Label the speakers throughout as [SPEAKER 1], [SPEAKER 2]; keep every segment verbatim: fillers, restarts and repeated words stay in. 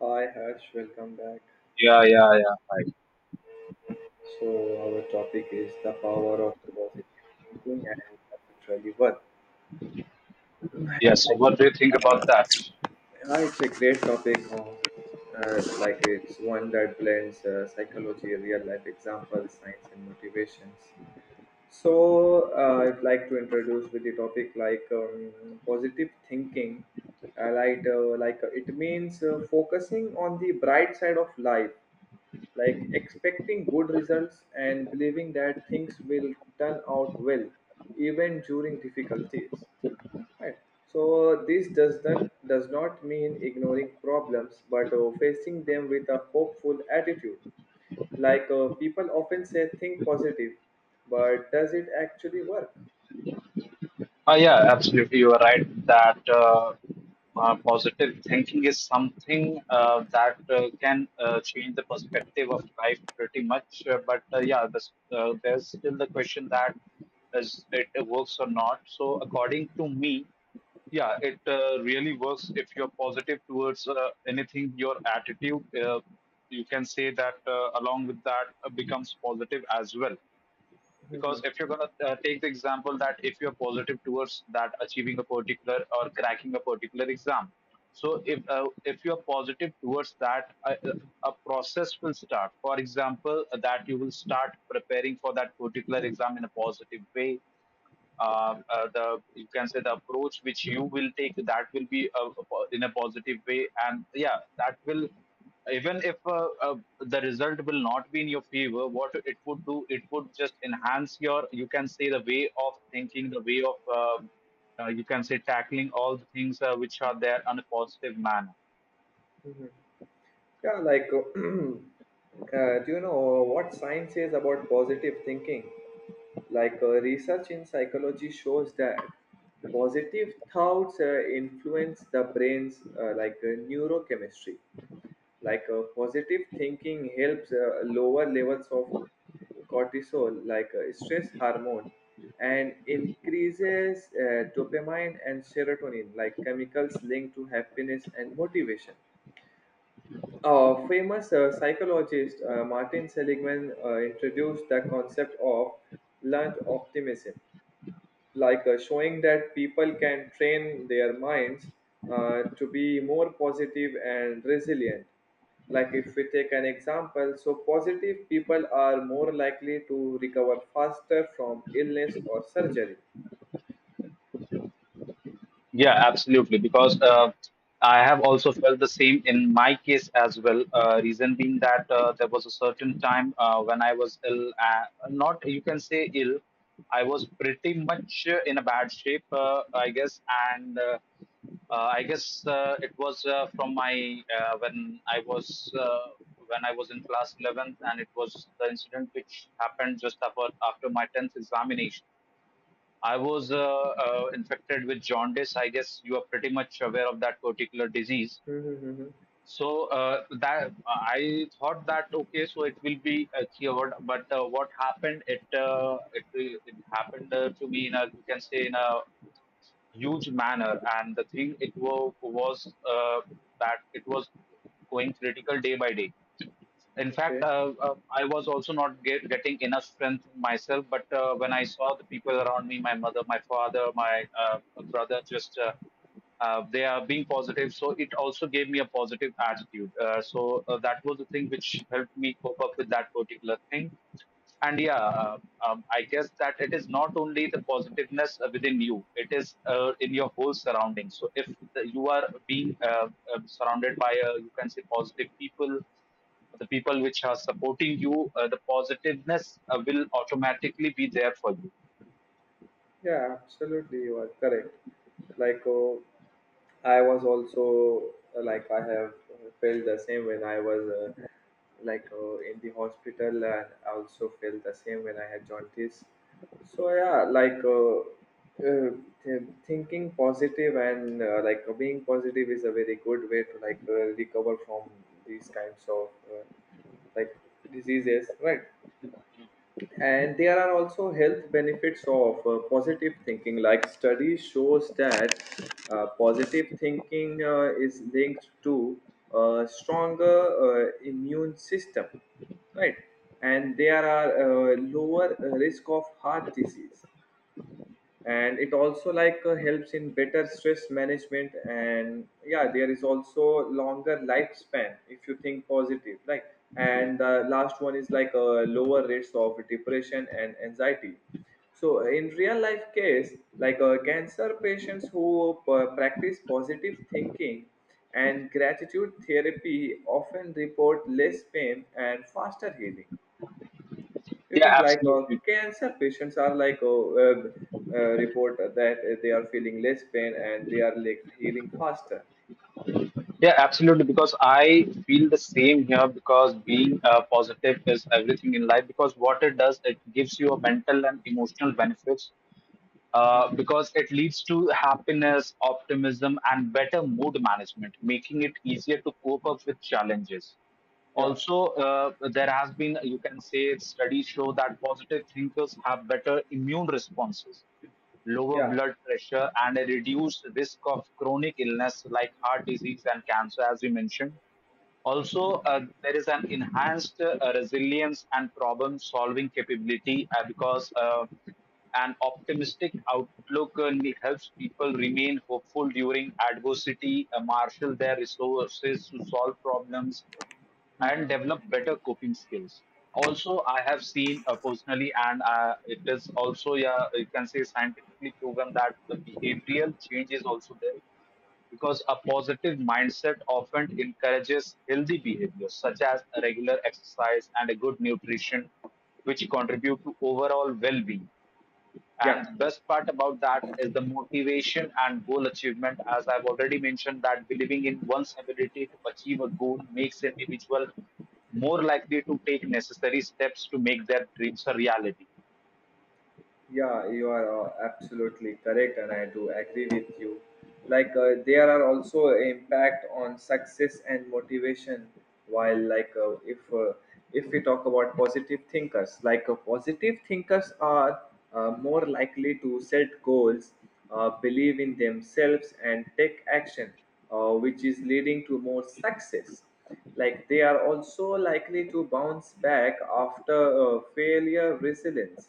[SPEAKER 1] Hi Harsh, welcome back.
[SPEAKER 2] Yeah, yeah, yeah. Right.
[SPEAKER 1] So our topic is the power of positive thinking and naturally what.
[SPEAKER 2] Yeah. So,
[SPEAKER 1] Uh,
[SPEAKER 2] what do you think about that?
[SPEAKER 1] yeah, it's a great topic. On, Uh, like it's one that blends uh, psychology, real life examples, science, and motivations. So uh, I'd like to introduce with the topic like um, positive thinking. I, like uh, like uh, it means uh, focusing on the bright side of life, like expecting good results and believing that things will turn out well, even during difficulties, right? So this does not does not mean ignoring problems, but uh, facing them with a hopeful attitude. Like, uh, people often say think positive, but does it actually work?
[SPEAKER 2] Ah, yeah, absolutely. You are right that uh, uh, positive thinking is something uh, that uh, can uh, change the perspective of life pretty much. Uh, but uh, Yeah, this, uh, there's still the question that is it works or not. So, according to me, yeah, it uh, really works if you're positive towards uh, anything. Your attitude, uh, you can say that uh, along with that uh, becomes positive as well, because
[SPEAKER 1] Mhm,
[SPEAKER 2] if you're going to uh, take the example that if you're positive towards that achieving a particular or cracking a particular exam, so if uh, if you're positive towards that a, a process will start. For example, uh, that you will start preparing for that particular exam in a positive way. Uh, uh, the, you can say, the approach which you will take, that will be uh, in a positive way. And yeah, that will, even if uh, uh, the result will not be in your favor, what it would do, it would just enhance your, you can say, the way of thinking, the way of um uh, you can say tackling all the things uh, which are there on a positive manner.
[SPEAKER 1] mhm. Yeah, like, uh, do you know what science says about positive thinking? Like, uh, research in psychology shows that positive thoughts uh, influence the brain's uh, like uh, neurochemistry. Like, uh, positive thinking helps uh, lower levels of cortisol, like uh, stress hormone, and increases uh, dopamine and serotonin, like chemicals linked to happiness and motivation. Uh, famous uh, psychologist uh, Martin Seligman uh, introduced the concept of learned optimism, like uh, showing that people can train their minds uh, to be more positive and resilient. Like, if we take an example, so positive people are more likely to recover faster from illness or surgery.
[SPEAKER 2] Yeah, absolutely. Because uh, I have also felt the same in my case as well. Uh, reason being that uh, there was a certain time uh, when I was ill, uh, not, you can say, ill, I was pretty much uh, in a bad shape, uh, I guess. And uh, uh, I guess uh, it was uh, from my uh, when I was uh, when I was in class eleventh, and it was the incident which happened just after after my tenth examination. I was uh, uh, infected with jaundice. I guess you are pretty much aware of that particular disease.
[SPEAKER 1] Mm-hmm.
[SPEAKER 2] So uh, that I thought that okay, so it will be uh, cured. But uh, what happened? It uh, it it happened uh, to me in a, you can say, in a huge manner. And the thing it was was uh, that it was going critical day by day. In fact,
[SPEAKER 1] Okay.
[SPEAKER 2] uh, uh, I was also not get, getting enough strength in myself. But uh, when I saw the people around me, my mother, my father, my uh, brother, just uh, uh, they are being positive, so it also gave me a positive attitude. Uh, so uh, that was the thing which helped me cope up with that particular thing. And yeah, uh, um, I guess that it is not only the positiveness uh, within you, it is uh, in your whole surroundings. So if the, you are being uh, uh, surrounded by, uh, you can say, positive people, the people which are supporting you, uh, the positiveness uh, will automatically be there for you.
[SPEAKER 1] Yeah, absolutely, you are correct. Like, oh, I was also, uh, like I have uh, felt the same when I was uh, like uh, in the hospital, and I also felt the same when I had jaundice. So yeah, like, uh, uh, th- thinking positive, and uh, like uh, being positive is a very good way to, like, uh, recover from these kinds of uh, like diseases, right? And there are also health benefits of uh, positive thinking. Like, study shows that uh, positive thinking uh, is linked to a stronger uh, immune system, right? And there are uh, lower risk of heart disease, and it also, like, uh, helps in better stress management, and yeah, there is also longer lifespan if you think positive, like. And the last one is like uh, lower rates of depression and anxiety. So in real life case, like, uh, cancer patients who uh, practice positive thinking and gratitude therapy often report less pain and faster healing. You
[SPEAKER 2] Yeah,
[SPEAKER 1] think, like, uh,
[SPEAKER 2] absolutely.
[SPEAKER 1] cancer patients are like, uh, uh, uh, report that uh, they are feeling less pain and they are like healing faster.
[SPEAKER 2] Yeah, absolutely. Because I feel the same here, because being uh, positive is everything in life. Because what it does, it gives you a mental and emotional benefits, uh,
[SPEAKER 1] Hmm.
[SPEAKER 2] because it leads to happiness, optimism, and better mood management, making it easier to cope up with challenges.
[SPEAKER 1] Yeah,
[SPEAKER 2] Also, uh, there has been, you can say, studies show that positive thinkers have better immune responses, lower
[SPEAKER 1] yeah.
[SPEAKER 2] blood pressure, and a reduced risk of chronic illness like heart disease and cancer, as we mentioned.
[SPEAKER 1] Hmm.
[SPEAKER 2] Also, uh, there is an enhanced uh, resilience and problem solving capability, uh, because uh, an optimistic outlook uh, helps people remain hopeful during adversity, uh, marshal their resources to solve problems,
[SPEAKER 1] Hmm.
[SPEAKER 2] and develop better coping skills. Also, I have seen uh, personally, and uh, it is also, yeah, you can say, scientifically proven that the behavioral change is also there, because a positive mindset often encourages healthy behaviors such as regular exercise and a good nutrition, which contribute to overall well being. And the
[SPEAKER 1] Yeah.
[SPEAKER 2] best part about that is the motivation and goal achievement. As I've already mentioned, that believing in one's ability to achieve a goal makes an individual more likely to take necessary steps to make their dreams a reality.
[SPEAKER 1] Yeah, you are uh, absolutely correct, and I do agree with you. Like, uh, there are also impact on success and motivation. While, like, uh, if uh, if we talk about positive thinkers, like, uh, positive thinkers are uh, more likely to set goals, uh, believe in themselves, and take action, uh, which is leading to more success. Like, they are also likely to bounce back after uh, failure, resilience.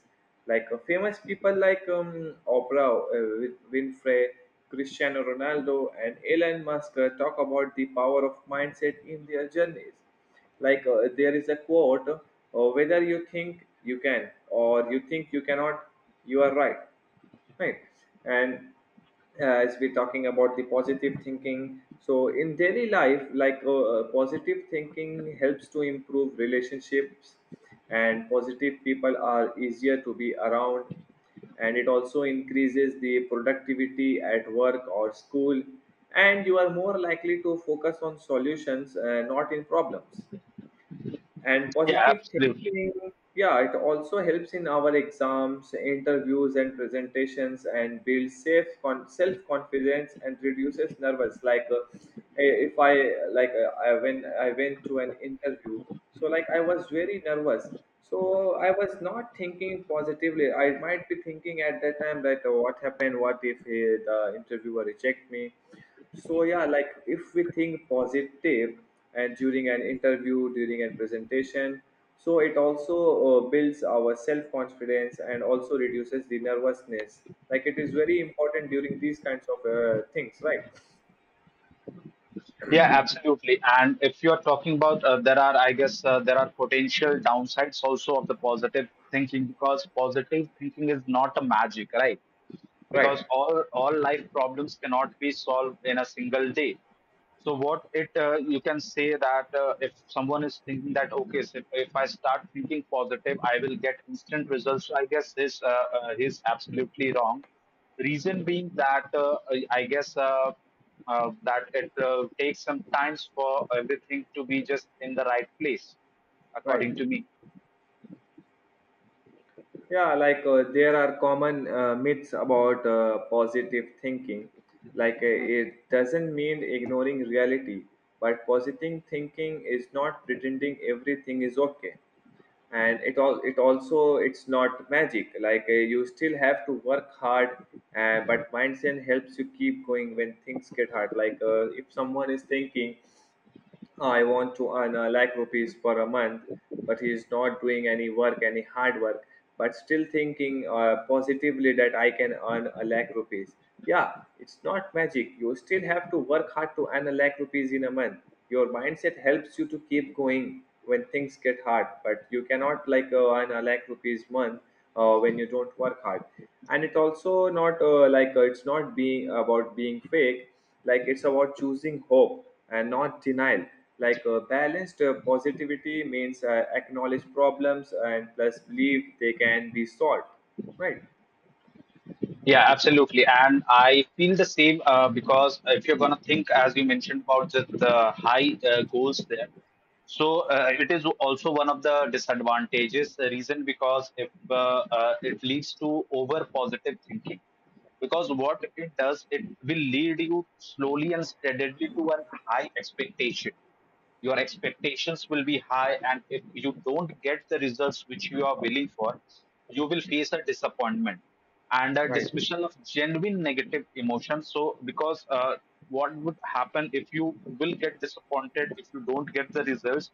[SPEAKER 1] Like, uh, famous people like um, Oprah uh, Win- winfrey cristiano Ronaldo, and Elon Musk uh, talk about the power of mindset in their journeys. Like, uh, there is a quote, uh, "Whether you think you can or you think you cannot, you are right." Right? And uh, as we're talking about the positive thinking, so in daily life, like, uh, uh, positive thinking helps to improve relationships. And positive people are easier to be around. And it also increases the productivity at work or school. And you are more likely to focus on solutions, uh, not in problems. And
[SPEAKER 2] Yeah,
[SPEAKER 1] positive
[SPEAKER 2] absolutely.
[SPEAKER 1] thinking, yeah, it also helps in our exams, interviews, and presentations, and builds safe con- self-confidence and reduces nervous, like, uh, eh, if I like uh, I when I went to an interview, so, like, I was very nervous, so I was not thinking positively. I might be thinking at that time that, oh, what happened, what if eh, the interviewer reject me. So yeah, like, if we think positive, and during an interview, during a presentation, so it also uh, builds our self confidence and also reduces the nervousness. Like, it is very important during these kinds of uh, things, right?
[SPEAKER 2] Yeah, absolutely. And if you're talking about, uh, there are, I guess, uh, there are potential downsides also of the positive thinking, because positive thinking is not a magic, right?
[SPEAKER 1] Right.
[SPEAKER 2] Because all all life problems cannot be solved in a single day. So what it uh, you can say that uh, if someone is thinking that okay, so if, if I start thinking positive, I will get instant results. So I guess this uh, uh, is absolutely wrong.
[SPEAKER 1] Mhm.
[SPEAKER 2] Reason being that uh, I I guess uh, uh, that it uh, takes some times for everything to be just in the right place,
[SPEAKER 1] Right.
[SPEAKER 2] according to me.
[SPEAKER 1] Yeah. Like, uh, there are common uh, myths about uh, positive thinking. Like, uh, it doesn't mean ignoring reality, but positive thinking is not pretending everything is okay. And it all it also it's not magic. Like, uh, you still have to work hard. Uh, but mindset helps you keep going when things get hard. Like, uh, if someone is thinking, "I want to earn a lakh rupees for a month," but he is not doing any work, any hard work, but still thinking uh, positively that I can earn a lakh rupees. Yeah, it's not magic. You still have to work hard to earn a lakh rupees in a month. Your mindset helps you to keep going when things get hard, but you cannot, like, uh, earn a lakh rupees month uh, when you don't work hard. And it's also not, uh, like uh, it's not being about being fake. Like, it's about choosing hope, and not denial. Like, uh, balanced uh, positivity means uh, acknowledge problems and plus believe they can be solved, right?
[SPEAKER 2] Yeah, absolutely. And I feel the same uh, because if you're going to think, as you mentioned, about the, the high uh, goals there. So uh, it is also one of the disadvantages. The reason, because if uh, uh, it leads to over positive thinking, because
[SPEAKER 1] Mhm.
[SPEAKER 2] what it does, it will lead you slowly and steadily to a high expectation. Your
[SPEAKER 1] Mhm.
[SPEAKER 2] expectations will be high, and if you don't get the results which you are willing for, you will face a disappointment and a
[SPEAKER 1] Right.
[SPEAKER 2] dismissal of genuine negative emotions. So because uh, what would happen, if you will get disappointed if you don't get the results,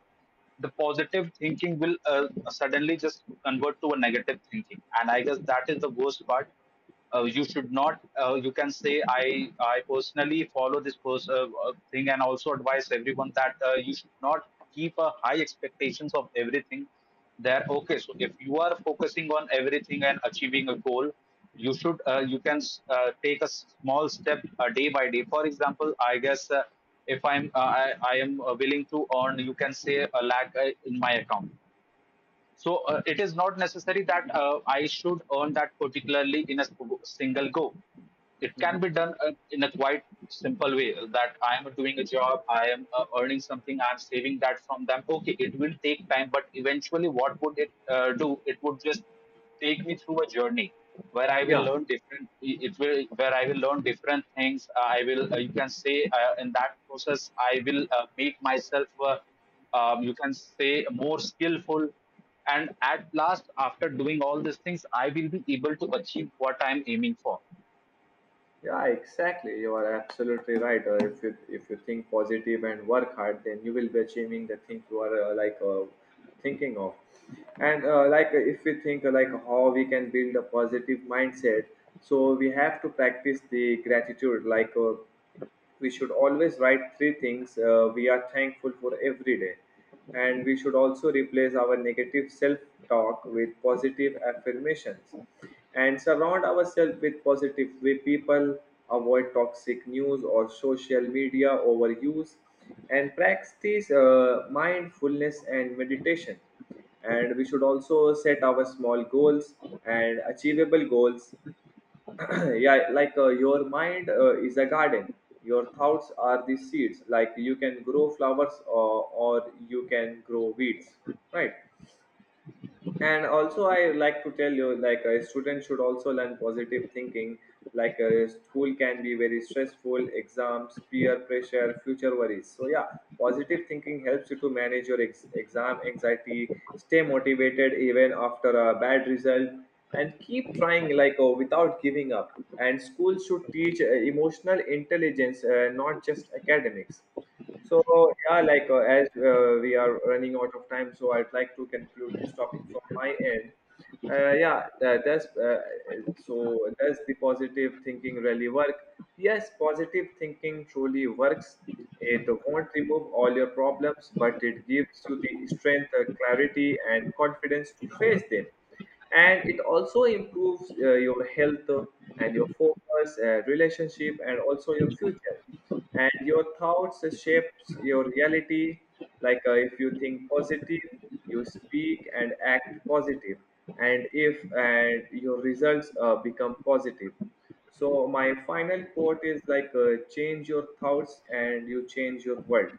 [SPEAKER 2] the positive thinking will uh, suddenly just convert to a negative thinking, and I guess that is the worst part. Uh, you should not uh, you can say, i i personally follow this pers- uh, uh, thing, and also advise everyone that uh, you should not keep a high expectations of everything there. Okay, so if you are focusing on everything and achieving a goal, you should uh, you can uh, take a small step uh, day by day. For example, I guess uh, if I'm uh, I, I am uh, willing to earn, you can say, a lakh uh, in my account. So uh, it is not necessary that uh, I should earn that particularly in a sp- single go. It can
[SPEAKER 1] Mhm.
[SPEAKER 2] be done uh, in a quite simple way, that I am doing a job, I am uh, earning something, I am saving that from them. Okay, it will take time, but eventually, what would it uh, do? It would just take me through a journey where I will
[SPEAKER 1] Yeah.
[SPEAKER 2] learn different. It will, where I will learn different things. Uh, I will. Uh, you can say uh, in that process, I will uh, make myself. Uh, um, you can say, more skillful, and at last, after doing all these things, I will be able to achieve what I'm aiming for.
[SPEAKER 1] Yeah, exactly. You are absolutely right. Uh, if you if you think positive and work hard, then you will be achieving the thing you are uh, like uh, thinking of. And uh, like uh, if we think, uh, like how we can build a positive mindset, so we have to practice the gratitude. Like, uh, we should always write three things uh, we are thankful for every day. And we should also replace our negative self talk with positive affirmations, and surround ourselves with positive way people, avoid toxic news or social media overuse, and practice uh, mindfulness and meditation, and we should also set our small goals and achievable goals. Yeah, like, uh, your mind uh, is a garden. Your thoughts are the seeds. Like, you can grow flowers, or, or you can grow weeds, right? And also I like to tell you, like, a student should also learn positive thinking. Like, a school can be very stressful. Exams, peer pressure, future worries. So yeah, positive thinking helps you to manage your ex- exam anxiety, stay motivated even after a bad result, and keep trying, like, oh, without giving up. And schools should teach uh, emotional intelligence, uh, not just academics. So yeah, like, uh, as uh, we are running out of time, so I'd like to conclude this topic from my end. Uh, yeah, that, that's uh, so. Does the positive thinking really work? Yes, positive thinking truly works. It won't remove all your problems, but it gives you the strength, uh, clarity, and confidence to face them, and it also improves uh, your health, uh, and your focus, uh, relationship, and also your future. And your thoughts shapes your reality. Like, uh, if you think positive, you speak and act positive. And if and your results uh, become positive. So my final quote is like, uh, "Change your thoughts, and you change your world."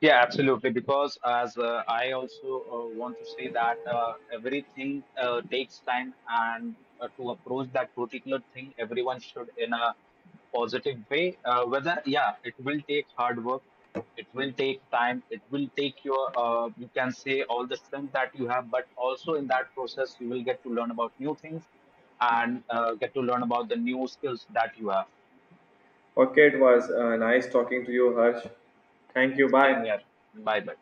[SPEAKER 2] Yeah, absolutely. Because as uh, I also uh, want to say that uh, everything uh, takes time, and uh, to approach that particular thing, everyone should in a positive way. Uh, whether yeah, it will take hard work, it will take time, it will take your uh, you can say all the strength that you have, but also in that process you will get to learn about new things, and uh, get to learn about the new skills that you have.
[SPEAKER 1] Okay, it was uh, nice talking to you, Harsh. Thank you,
[SPEAKER 2] Same
[SPEAKER 1] bye.
[SPEAKER 2] here. Bye bye.